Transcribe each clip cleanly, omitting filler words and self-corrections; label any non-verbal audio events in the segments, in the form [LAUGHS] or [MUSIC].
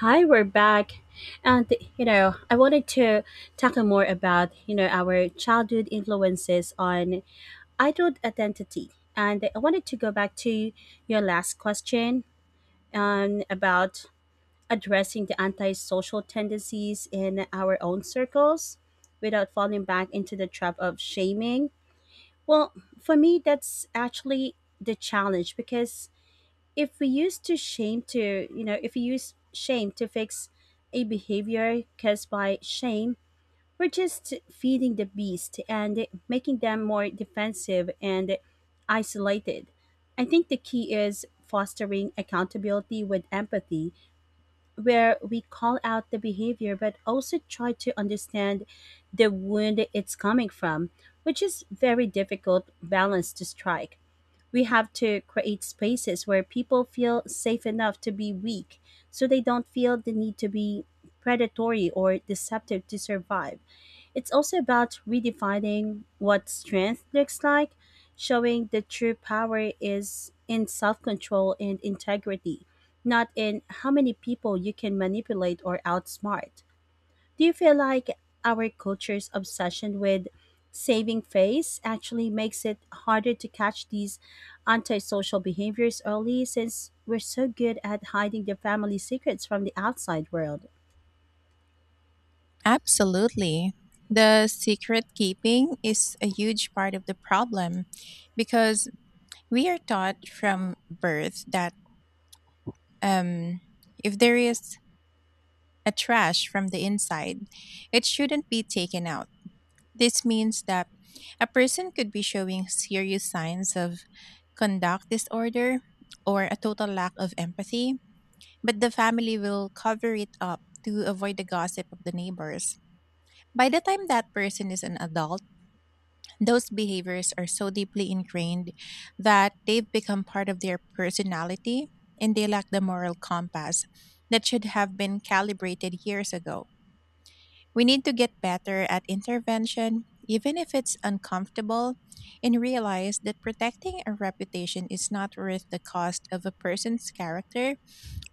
Hi, we're back. And, I wanted to tackle more about, you know, our childhood influences on adult identity. And I wanted to go back to your last question about addressing the antisocial tendencies in our own circles without falling back into the trap of shaming. Well, for me, that's actually the challenge because if we use to shame to you know if we use shame to fix a behavior caused by shame, we're just feeding the beast and making them more defensive and isolated. I think the key is fostering accountability with empathy, where we call out the behavior but also try to understand the wound it's coming from, which is very difficult balance to strike. We have to create spaces where people feel safe enough to be weak so they don't feel the need to be predatory or deceptive to survive. It's also about redefining what strength looks like, showing the true power is in self control and integrity, not in how many people you can manipulate or outsmart. Do you feel like our culture's obsession with saving face actually makes it harder to catch these antisocial behaviors early since we're so good at hiding the family secrets from the outside world? Absolutely. The secret keeping is a huge part of the problem because we are taught from birth that um, if there is a trash from the inside, it shouldn't be taken out. This means that a person could be showing serious signs of conduct disorder or a total lack of empathy, but the family will cover it up to avoid the gossip of the neighbors. By the time that person is an adult, those behaviors are so deeply ingrained that they've become part of their personality and they lack the moral compass that should have been calibrated years ago. We need to get better at intervention, even if it's uncomfortable, and realize that protecting a reputation is not worth the cost of a person's character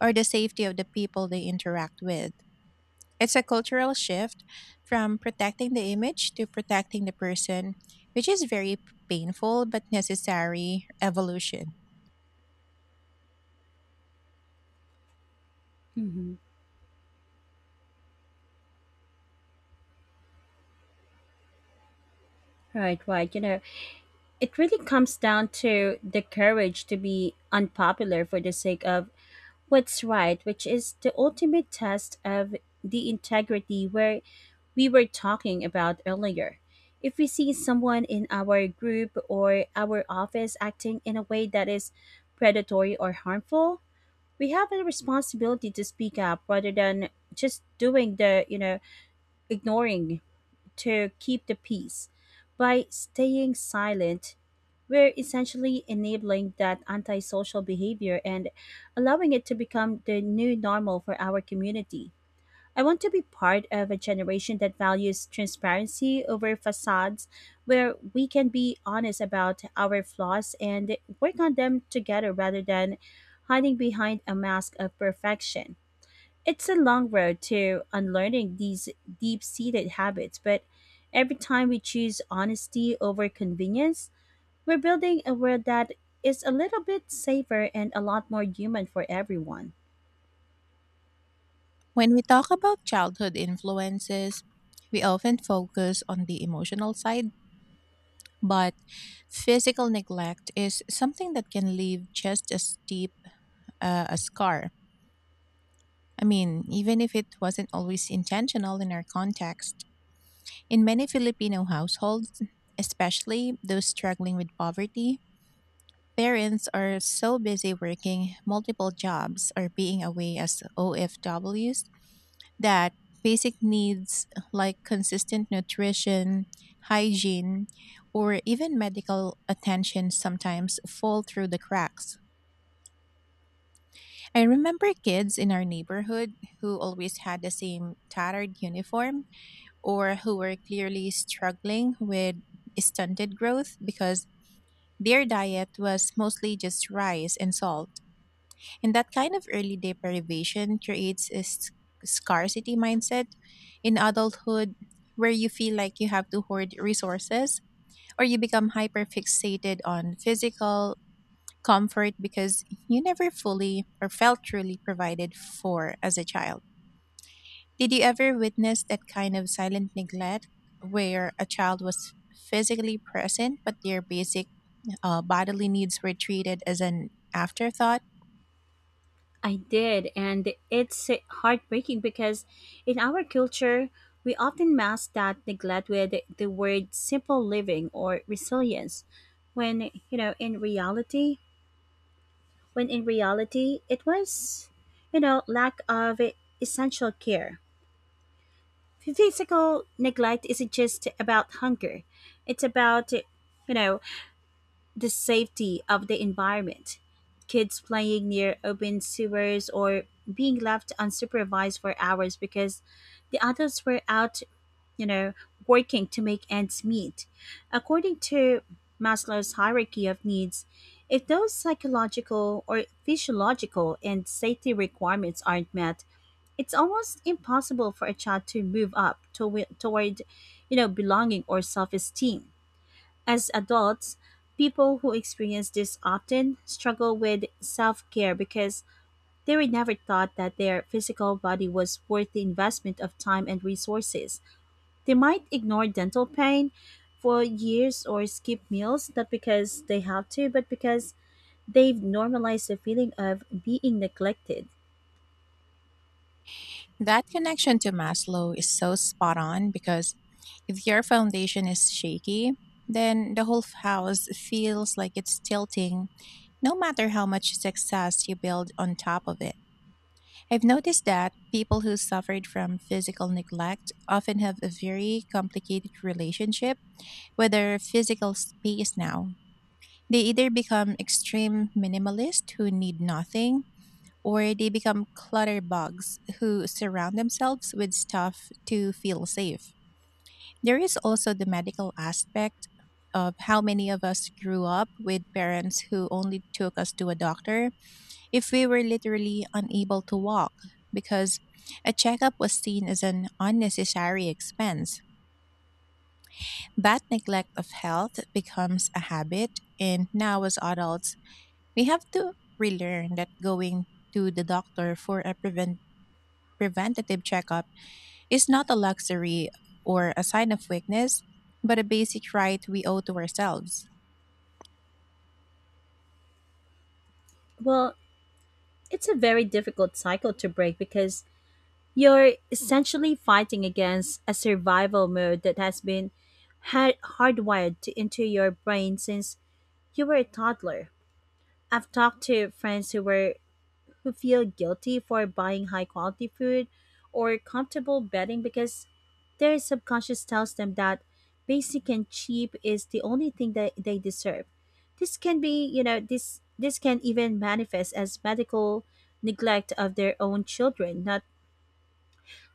or the safety of the people they interact with. It's a cultural shift from protecting the image to protecting the person, which is very painful but necessary evolution. hmm Right, right. You know, it really comes down to the courage to be unpopular for the sake of what's right, which is the ultimate test of the integrity where we were talking about earlier. If we see someone in our group or our office acting in a way that is predatory or harmful, we have a responsibility to speak up rather than just doing the, ignoring to keep the peace. By staying silent, we're essentially enabling that antisocial behavior and allowing it to become the new normal for our community. I want to be part of a generation that values transparency over facades, where we can be honest about our flaws and work on them together rather than hiding behind a mask of perfection. It's a long road to unlearning these deep seated habits, but every time we choose honesty over convenience, we're building a world that is a little bit safer and a lot more human for everyone. When we talk about childhood influences, we often focus on the emotional side, but physical neglect is something that can leave just as deep a scar. I mean, even if it wasn't always intentional in our context. In many Filipino households, especially those struggling with poverty, parents are so busy working multiple jobs or being away as OFWs that basic needs like consistent nutrition, hygiene, or even medical attention sometimes fall through the cracks. I remember kids in our neighborhood who always had the same tattered uniform or who were clearly struggling with stunted growth because their diet was mostly just rice and salt. And that kind of early day privation creates a scarcity mindset in adulthood where you feel like you have to hoard resources or you become hyper fixated on physical comfort because you never fully or felt truly provided for as a child. Did you ever witness that kind of silent neglect where a child was physically present but their basic bodily needs were treated as an afterthought? I did, and it's heartbreaking because in our culture, we often mask that neglect with the word simple living or resilience, when, you know, in reality, when in reality it was, you know, lack of essential care. Physical neglect isn't just about hunger, it's about, you know, the safety of the environment. Kids playing near open sewers or being left unsupervised for hours because the adults were out, you know, working to make ends meet. According to Maslow's hierarchy of needs, if those psychological or physiological and safety requirements aren't met, it's almost impossible for a child to move toward, you know, belonging or self-esteem. As adults, people who experience this often struggle with self-care because they were never taught that their physical body was worth the investment of time and resources. They might ignore dental pain for years or skip meals, not because they have to, but because they've normalized the feeling of being neglected. That connection to Maslow is so spot on because if your foundation is shaky, then the whole house feels like it's tilting, no matter how much success you build on top of it. I've noticed that people who suffered from physical neglect often have a very complicated relationship with their physical space now. They either become extreme minimalists who need nothing or they become clutter bugs who surround themselves with stuff to feel safe. There is also the medical aspect of how many of us grew up with parents who only took us to a doctor if we were literally unable to walk because a checkup was seen as an unnecessary expense. That neglect of health becomes a habit, and now as adults, we have to relearn that going to the doctor for a preventive preventative checkup is not a luxury or a sign of weakness, but a basic right we owe to ourselves. Well, it's a very difficult cycle to break because you're essentially fighting against a survival mode that has been hardwired into your brain since you were a toddler. I've talked to friends who were who feel guilty for buying high quality food or comfortable bedding because their subconscious tells them that basic and cheap is the only thing that they deserve. This can be, you know, this can even manifest as medical neglect of their own children,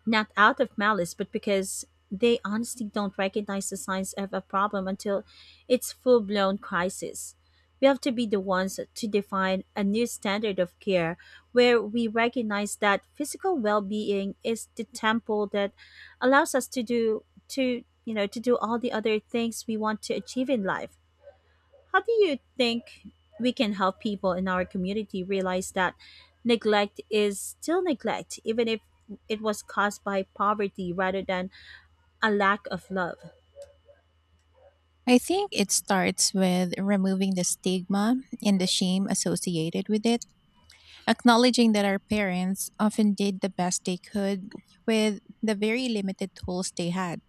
not out of malice, but because they honestly don't recognize the signs of a problem until it's full blown crisis. We have to be the ones to define a new standard of care where we recognize that physical well being is the temple that allows us to do to you know to do all the other things we want to achieve in life. How do you think we can help people in our community realize that neglect is still neglect, even if it was caused by poverty rather than a lack of love? I think it starts with removing the stigma and the shame associated with it, acknowledging that our parents often did the best they could with the very limited tools they had.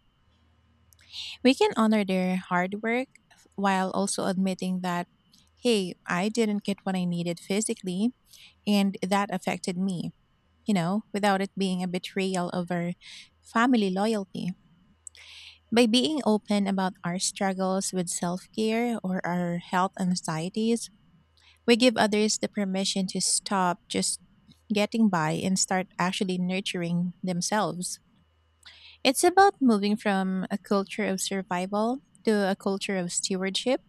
We can honor their hard work while also admitting that, hey, I didn't get what I needed physically, and that affected me, you know, without it being a betrayal of our family loyalty. By being open about our struggles with self care or our health anxieties, we give others the permission to stop just getting by and start actually nurturing themselves. It's about moving from a culture of survival to a culture of stewardship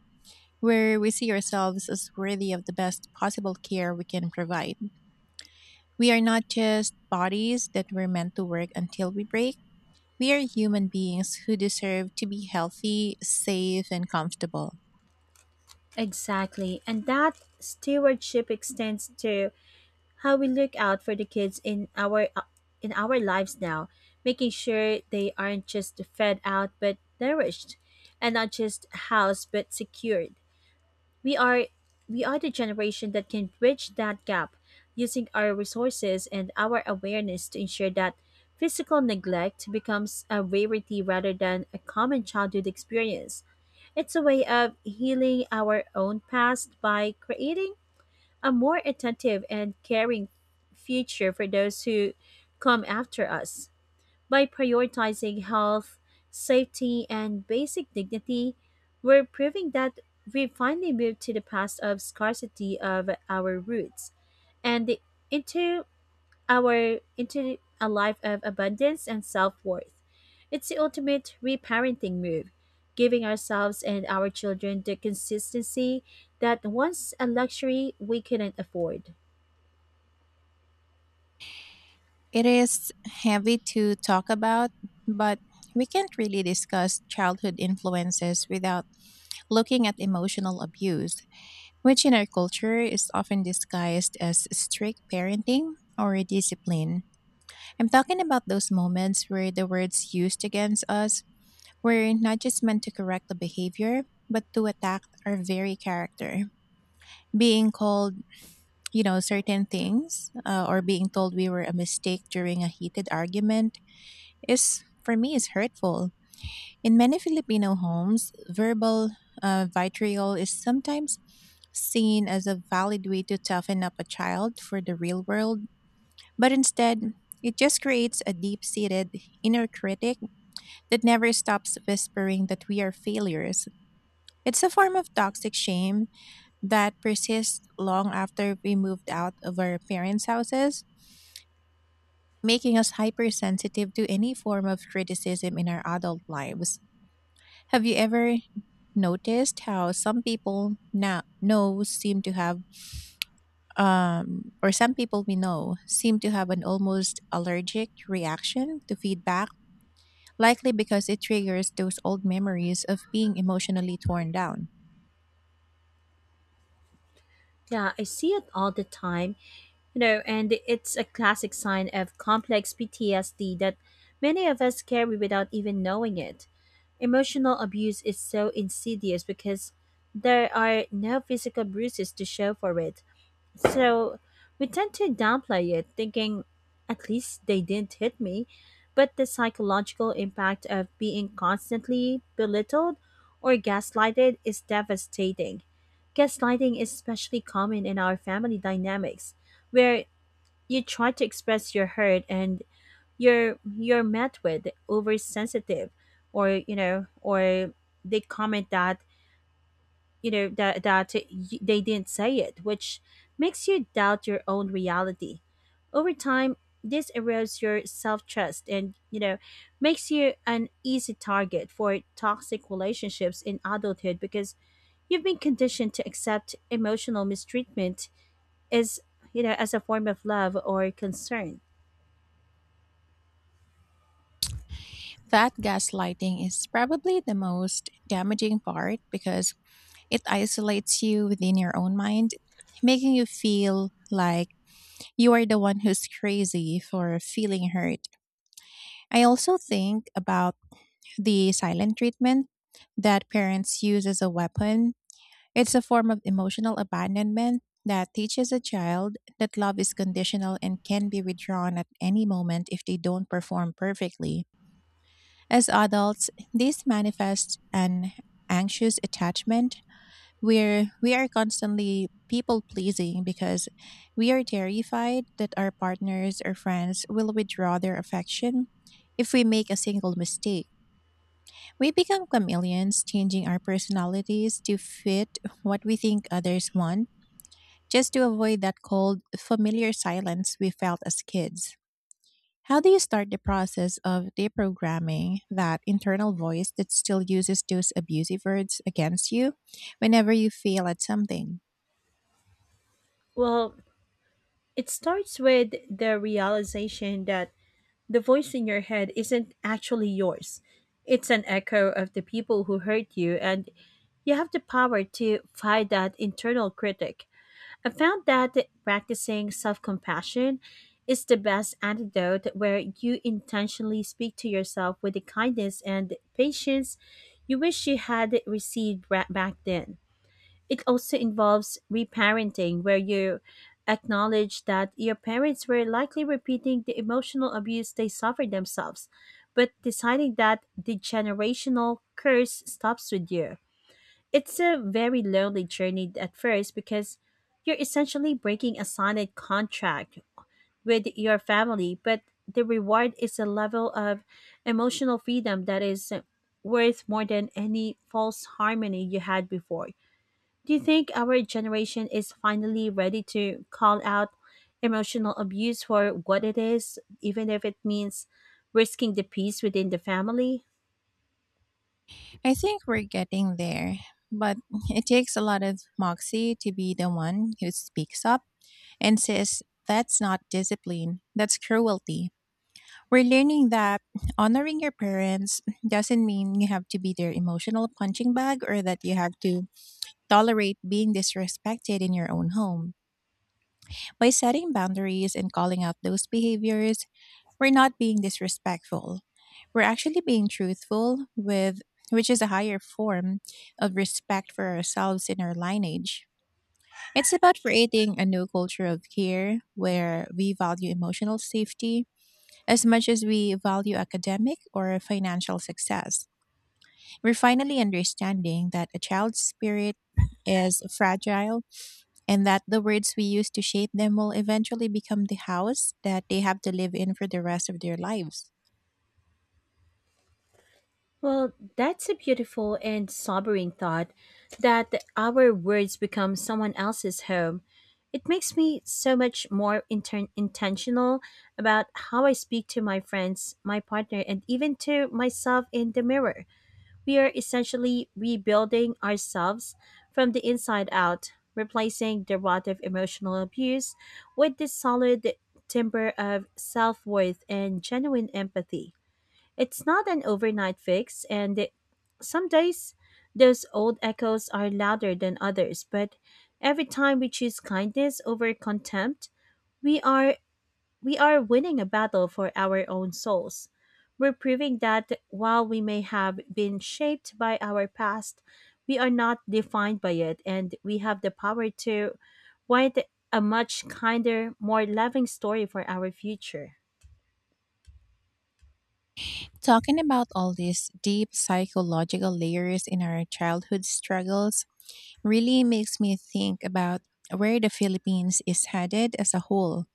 where we see ourselves as worthy of the best possible care we can provide. We are not just bodies that were meant to work until we break. We are human beings who deserve to be healthy, safe, and comfortable. Exactly. And that stewardship extends to how we look out for the kids in our lives now, making sure they aren't just fed out but nourished, and not just housed but secured. We are we are the generation that can bridge that gap, using our resources and our awareness to ensure that physical neglect becomes a rarity rather than a common childhood experience. It's a way of healing our own past by creating a more attentive and caring future for those who come after us. By prioritizing health, safety, and basic dignity, we're proving that we've finally moved to the past of scarcity of our roots and into into a life of abundance and self-worth. It's the ultimate reparenting move, giving ourselves and our children the consistency that once a luxury we couldn't afford. It is heavy to talk about, but we can't really discuss childhood influences without looking at emotional abuse, which in our culture is often disguised as strict parenting or discipline. I'm talking about those moments where the words used against us were not just meant to correct the behavior, but to attack our very character. Being called, you know, certain things, or being told we were a mistake during a heated argument is, for me, is hurtful. In many Filipino homes, verbal vitriol is sometimes seen as a valid way to toughen up a child for the real world, but instead, it just creates a deep seated inner critic that never stops whispering that we are failures. It's a form of toxic shame that persists long after we moved out of our parents' houses, making us hypersensitive to any form of criticism in our adult lives. Have you ever noticed how some people now know seem to have or some people we know seem to have an almost allergic reaction to feedback, likely because it triggers those old memories of being emotionally torn down. Yeah, I see it all the time. You know, and it's a classic sign of complex PTSD that many of us carry without even knowing it. Emotional abuse is so insidious because there are no physical bruises to show for it. So we tend to downplay it, thinking, at least they didn't hit me. But the psychological impact of being constantly belittled or gaslighted is devastating. Gaslighting is especially common in our family dynamics, where you try to express your hurt and you're met with oversensitive, or you know, or they comment that, you know, that they didn't say it, which makes you doubt your own reality. Over time this erodes your self-trust and, you know, makes you an easy target for toxic relationships in adulthood because you've been conditioned to accept emotional mistreatment as you know as a form of love or concern. That gaslighting is probably the most damaging part because it isolates you within your own mind, making you feel like you are the one who's crazy for feeling hurt. I also think about the silent treatment that parents use as a weapon. It's a form of emotional abandonment that teaches a child that love is conditional and can be withdrawn at any moment if they don't perform perfectly. As adults, this manifests an anxious attachment. We are constantly people pleasing because we are terrified that our partners or friends will withdraw their affection if we make a single mistake. We become chameleons, changing our personalities to fit what we think others want, just to avoid that cold, familiar silence we felt as kids. How do you start the process of deprogramming that internal voice that still uses those abusive words against you whenever you fail at something? Well, it starts with the realization that the voice in your head isn't actually yours. It's an echo of the people who hurt you, and you have the power to fight that internal critic. I found that practicing self compassion is the best antidote, where you intentionally speak to yourself with the kindness and patience you wish you had received back then. It also involves reparenting, where you acknowledge that your parents were likely repeating the emotional abuse they suffered themselves, but deciding that the generational curse stops with you. It's a very lonely journey at first because you're essentially breaking a silent contract with your family, but the reward is a level of emotional freedom that is worth more than any false harmony you had before. Do you think our generation is finally ready to call out emotional abuse for what it is, even if it means risking the peace within the family? I think we're getting there, but [LAUGHS] it takes a lot of moxie to be the one who speaks up and says, that's not discipline, that's cruelty. We're learning that honoring your parents doesn't mean you have to be their emotional punching bag or that you have to tolerate being disrespected in your own home. By setting boundaries and calling out those behaviors, we're not being disrespectful. We're actually being truthful with, which is a higher form of respect for ourselves and our lineage. It's about creating a new culture of care where we value emotional safety as much as we value academic or financial success. We're finally understanding that a child's spirit is fragile and that the words we use to shape them will eventually become the house that they have to live in for the rest of their lives. Well, that's a beautiful and sobering thought that our words become someone else's home. It makes me so much more intentional about how I speak to my friends, my partner, and even to myself in the mirror. We are essentially rebuilding ourselves from the inside out, replacing derivative emotional abuse with the solid timber of self worth and genuine empathy. It's not an overnight fix, some days those old echoes are louder than others, but every time we choose kindness over contempt, we are we are winning a battle for our own souls. We're proving that while we may have been shaped by our past, we are not defined by it, and we have the power to write a much kinder, more loving story for our future. Talking about all these deep psychological layers in our childhood struggles really makes me think about where the Philippines is headed as a whole.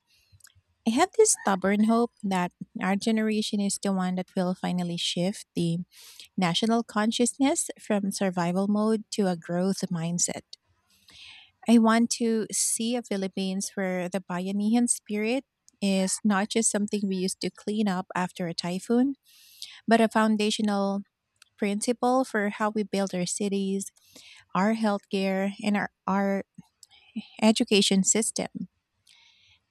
I have this stubborn hope that our generation is the one that will finally shift the national consciousness from survival mode to a growth mindset. I want to see a Philippines where the bayanihan spirit is not just something we used to clean up after a typhoon, but a foundational principle for how we build our cities, our healthcare, and our education system.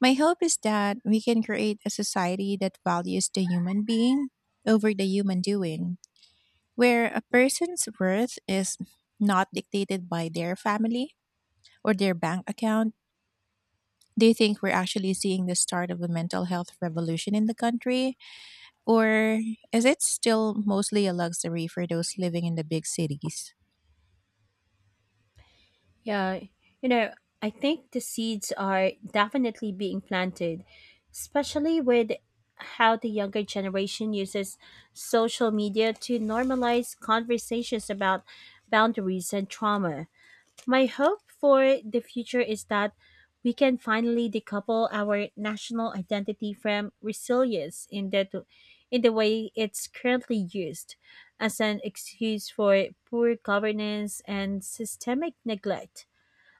My hope is that we can create a society that values the human being over the human doing, where a person's worth is not dictated by their family or their bank account. Do you think we're actually seeing the start of a mental health revolution in the country? Or is it still mostly a luxury for those living in the big cities? Yeah, you know, I think the seeds are definitely being planted, especially with how the younger generation uses social media to normalize conversations about boundaries and trauma. My hope for the future is that we can finally decouple our national identity from resilience in the way it's currently used as an excuse for poor governance and systemic neglect.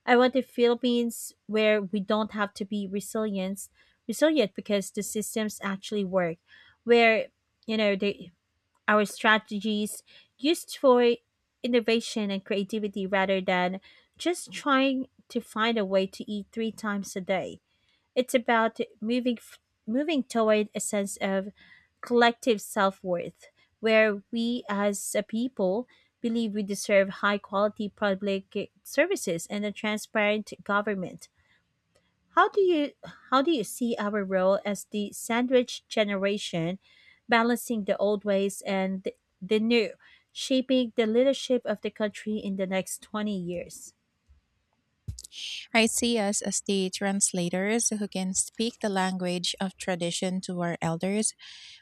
I want the Philippines where we don't have to be resilient because the systems actually work, where, you know, the our strategies used for innovation and creativity rather than just trying to find a way to eat three times a day. It's about moving toward a sense of collective self-worth where we as a people believe we deserve high quality public services and a transparent government. How do you how do you see our role as the sandwich generation balancing the old ways and the new, shaping the leadership of the country in the next 20 years? I see us as the translators who can speak the language of tradition to our elders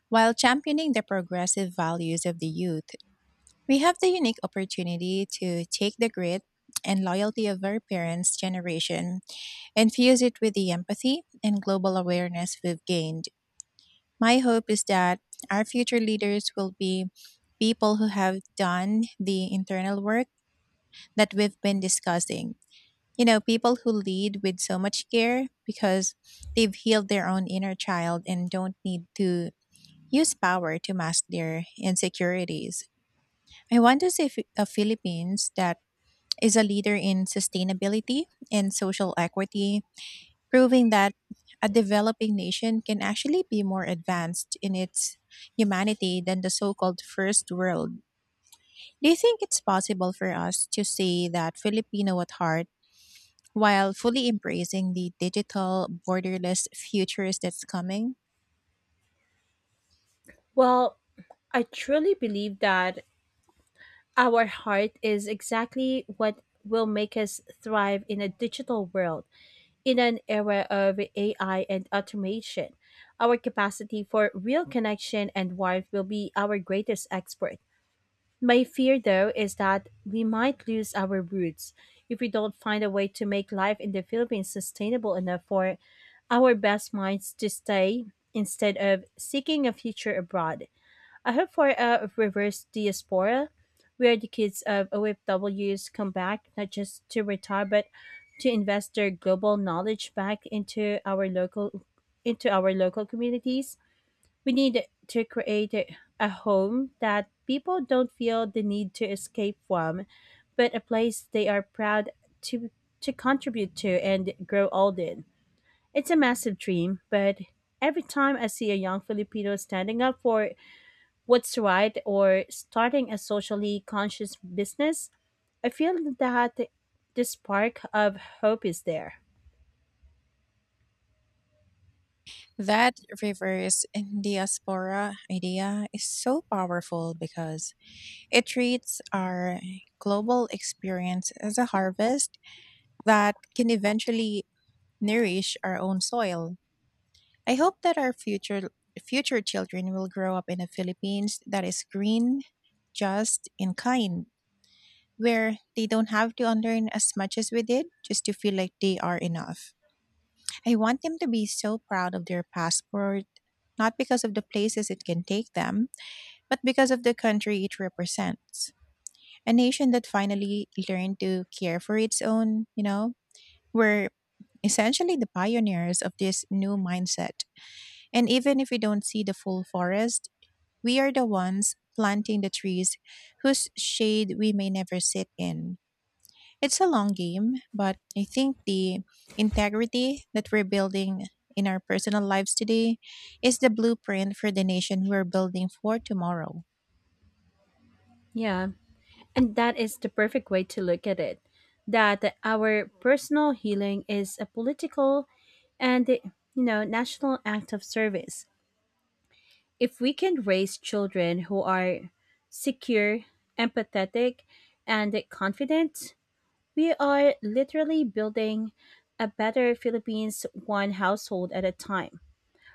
while championing the progressive values of the youth. We have the unique opportunity to take the grit and loyalty of our parents' generation and fuse it with the empathy and global awareness we've gained. My hope is that our future leaders will be people who have done the internal work that we've been discussing, you know, people who lead with so much care because they've healed their own inner child and don't need to use power to mask their insecurities. I want to see a Philippines that is a leader in sustainability and social equity, proving that a developing nation can actually be more advanced in its humanity than the so called first world. Do you think it's possible for us to say that Filipino at heart while fully embracing the digital borderless futures that's coming? Well, I truly believe that our heart is exactly what will make us thrive in a digital world, in an era of AI and automation. Our capacity for real connection and warmth will be our greatest export. My fear, though, is that we might lose our roots if we don't find a way to make life in the Philippines sustainable enough for our best minds to stay instead of seeking a future abroad. I hope for a reverse diaspora where the kids of OFWs come back not just to retire but to invest their global knowledge back into our local communities. We need to create a home that people don't feel the need to escape from, but a place they are proud to to contribute to and grow old in. It's a massive dream, but every time I see a young Filipino standing up for what's right or starting a socially conscious business, I feel that the spark of hope is there. That reverse diaspora idea is so powerful because it treats our global experience as a harvest that can eventually nourish our own soil. I hope that our future children will grow up in the Philippines that is green, just, and kind, where they don't have to unlearn as much as we did just to feel like they are enough. I want them to be so proud of their passport, not because of the places it can take them, but because of the country it represents. A nation that finally learned to care for its own. You know, we're essentially the pioneers of this new mindset. And even if we don't see the full forest, we are the ones planting the trees whose shade we may never sit in. It's a long game, but I think the integrity that we're building in our personal lives today is the blueprint for the nation we're building for tomorrow. Yeah. And that is the perfect way to look at it, that our personal healing is a political and, you know, national act of service. If we can raise children who are secure, empathetic, and confident, we are literally building a better Philippines one household at a time.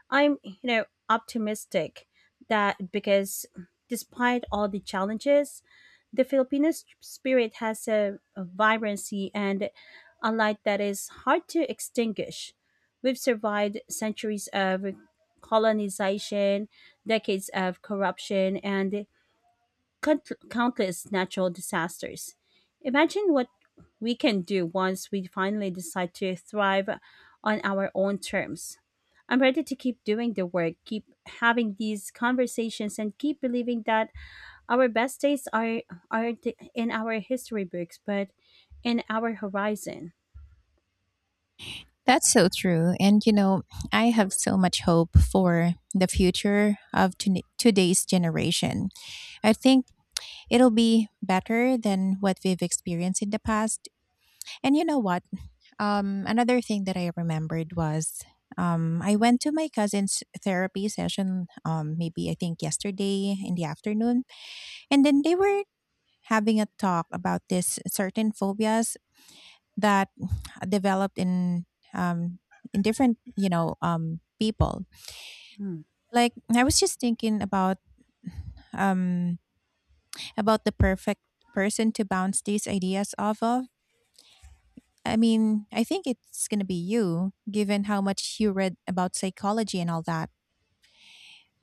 I'm, you know, optimistic that because despite all the challenges, the Filipino spirit has a vibrancy and a light that is hard to extinguish. We've survived centuries of colonization, decades of corruption, and countless natural disasters. Imagine what we can do once we finally decide to thrive on our own terms. I'm ready to keep doing the work, keep having these conversations, and keep believing that our best days aren't in our history books, but in our horizon. That's so true. And you know, I have so much hope for the future of today's generation. I think it'll be better than what we've experienced in the past. And you know what? Another thing that I remembered was I went to my cousin's therapy session, maybe I think yesterday in the afternoon. And then they were having a talk about this certain phobias that [SNIFFS] developed um, in different, people. Hmm. Like I was just thinking about, um, about the perfect person to bounce these ideas off of. I mean, I think it's going to be you, given how much you read about psychology and all that.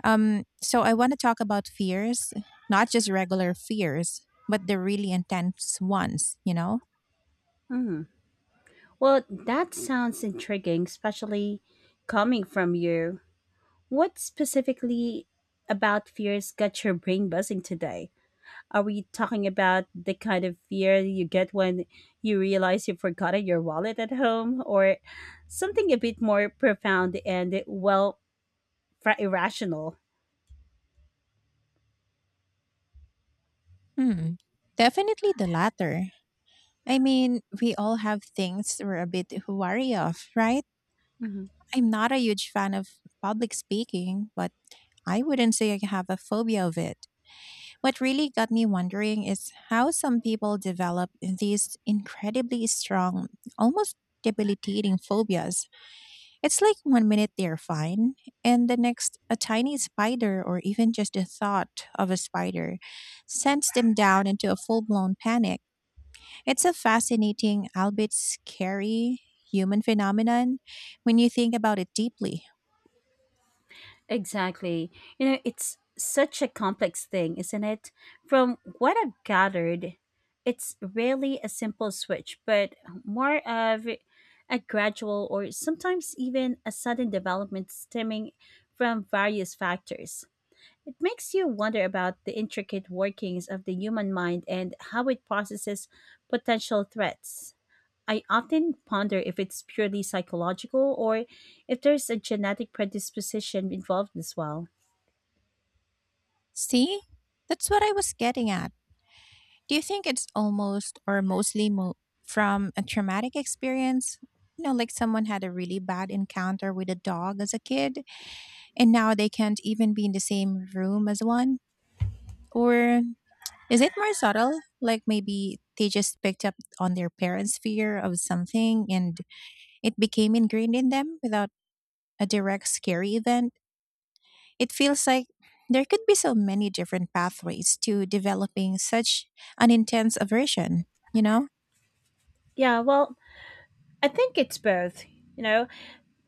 So I want to talk about fears, not just regular fears, but the really intense ones, you know? Hmm. Well, that sounds intriguing, especially coming from you. What specifically about fears got your brain buzzing today? Are we talking about the kind of fear you get when you realize you've forgotten your wallet at home, or something a bit more profound and, well, irrational? Hmm. Definitely the latter. I mean, we all have things we're a bit wary of, right? Mhm. I'm not a huge fan of public speaking, but I wouldn't say I have a phobia of it. What really got me wondering is how some people develop these incredibly strong, almost debilitating phobias. It's like one minute they're fine, and the next, a tiny spider or even just the thought of a spider sends them down into a full blown panic. It's a fascinating, albeit scary, human phenomenon when you think about it deeply. Exactly. You know, it's such a complex thing, isn't it? From what I've gathered, it's rarely a simple switch, but more of a gradual or sometimes even a sudden development stemming from various factors. It makes you wonder about the intricate workings of the human mind and how it processes potential threats. I often ponder if it's purely psychological or if there's a genetic predisposition involved as well. See? That's what I was getting at. Do you think it's almost or mostly from a traumatic experience? You know, like someone had a really bad encounter with a dog as a kid, and now they can't even be in the same room as one? Or is it more subtle? Like maybe they just picked up on their parents' fear of something and it became ingrained in them without a direct scary event? It feels like there could be so many different pathways to developing such an intense aversion, you know? Yeah, well, I think it's both. You know,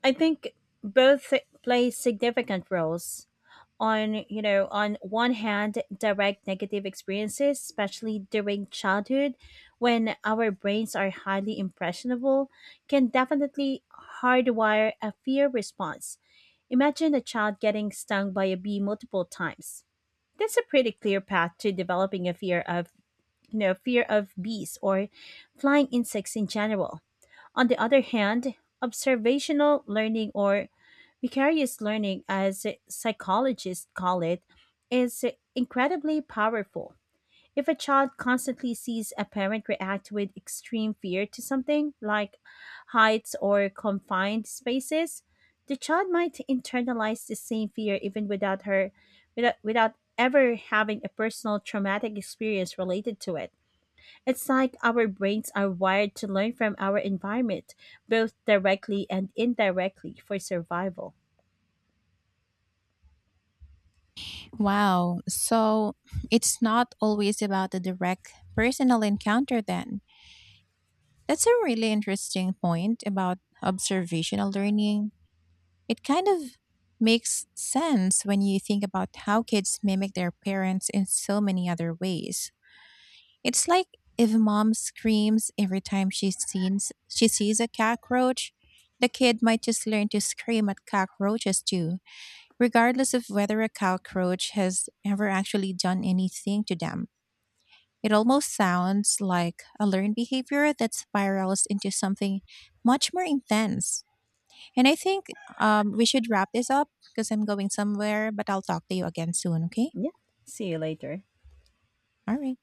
I think both play significant roles. On you know On one hand, direct negative experiences, especially during childhood when our brains are highly impressionable, can definitely hardwire a fear response. Imagine a child getting stung by a bee multiple times. That's a pretty clear path to developing a fear of you know fear of bees or flying insects in general. On the other hand, observational learning, or vicarious learning, as psychologists call it, is incredibly powerful. If a child constantly sees a parent react with extreme fear to something, like heights or confined spaces, the child might internalize the same fear even without, ever having a personal traumatic experience related to it. It's like our brains are wired to learn from our environment, both directly and indirectly, for survival. Wow. So it's not always about the direct personal encounter then. That's a really interesting point about observational learning. It kind of makes sense when you think about how kids mimic their parents in so many other ways. It's like if mom screams every time she sees a cockroach, the kid might just learn to scream at cockroaches too, regardless of whether a cockroach has ever actually done anything to them. It almost sounds like a learned behavior that spirals into something much more intense. And I think we should wrap this up because I'm going somewhere, but I'll talk to you again soon, okay? Yeah. See you later. All right.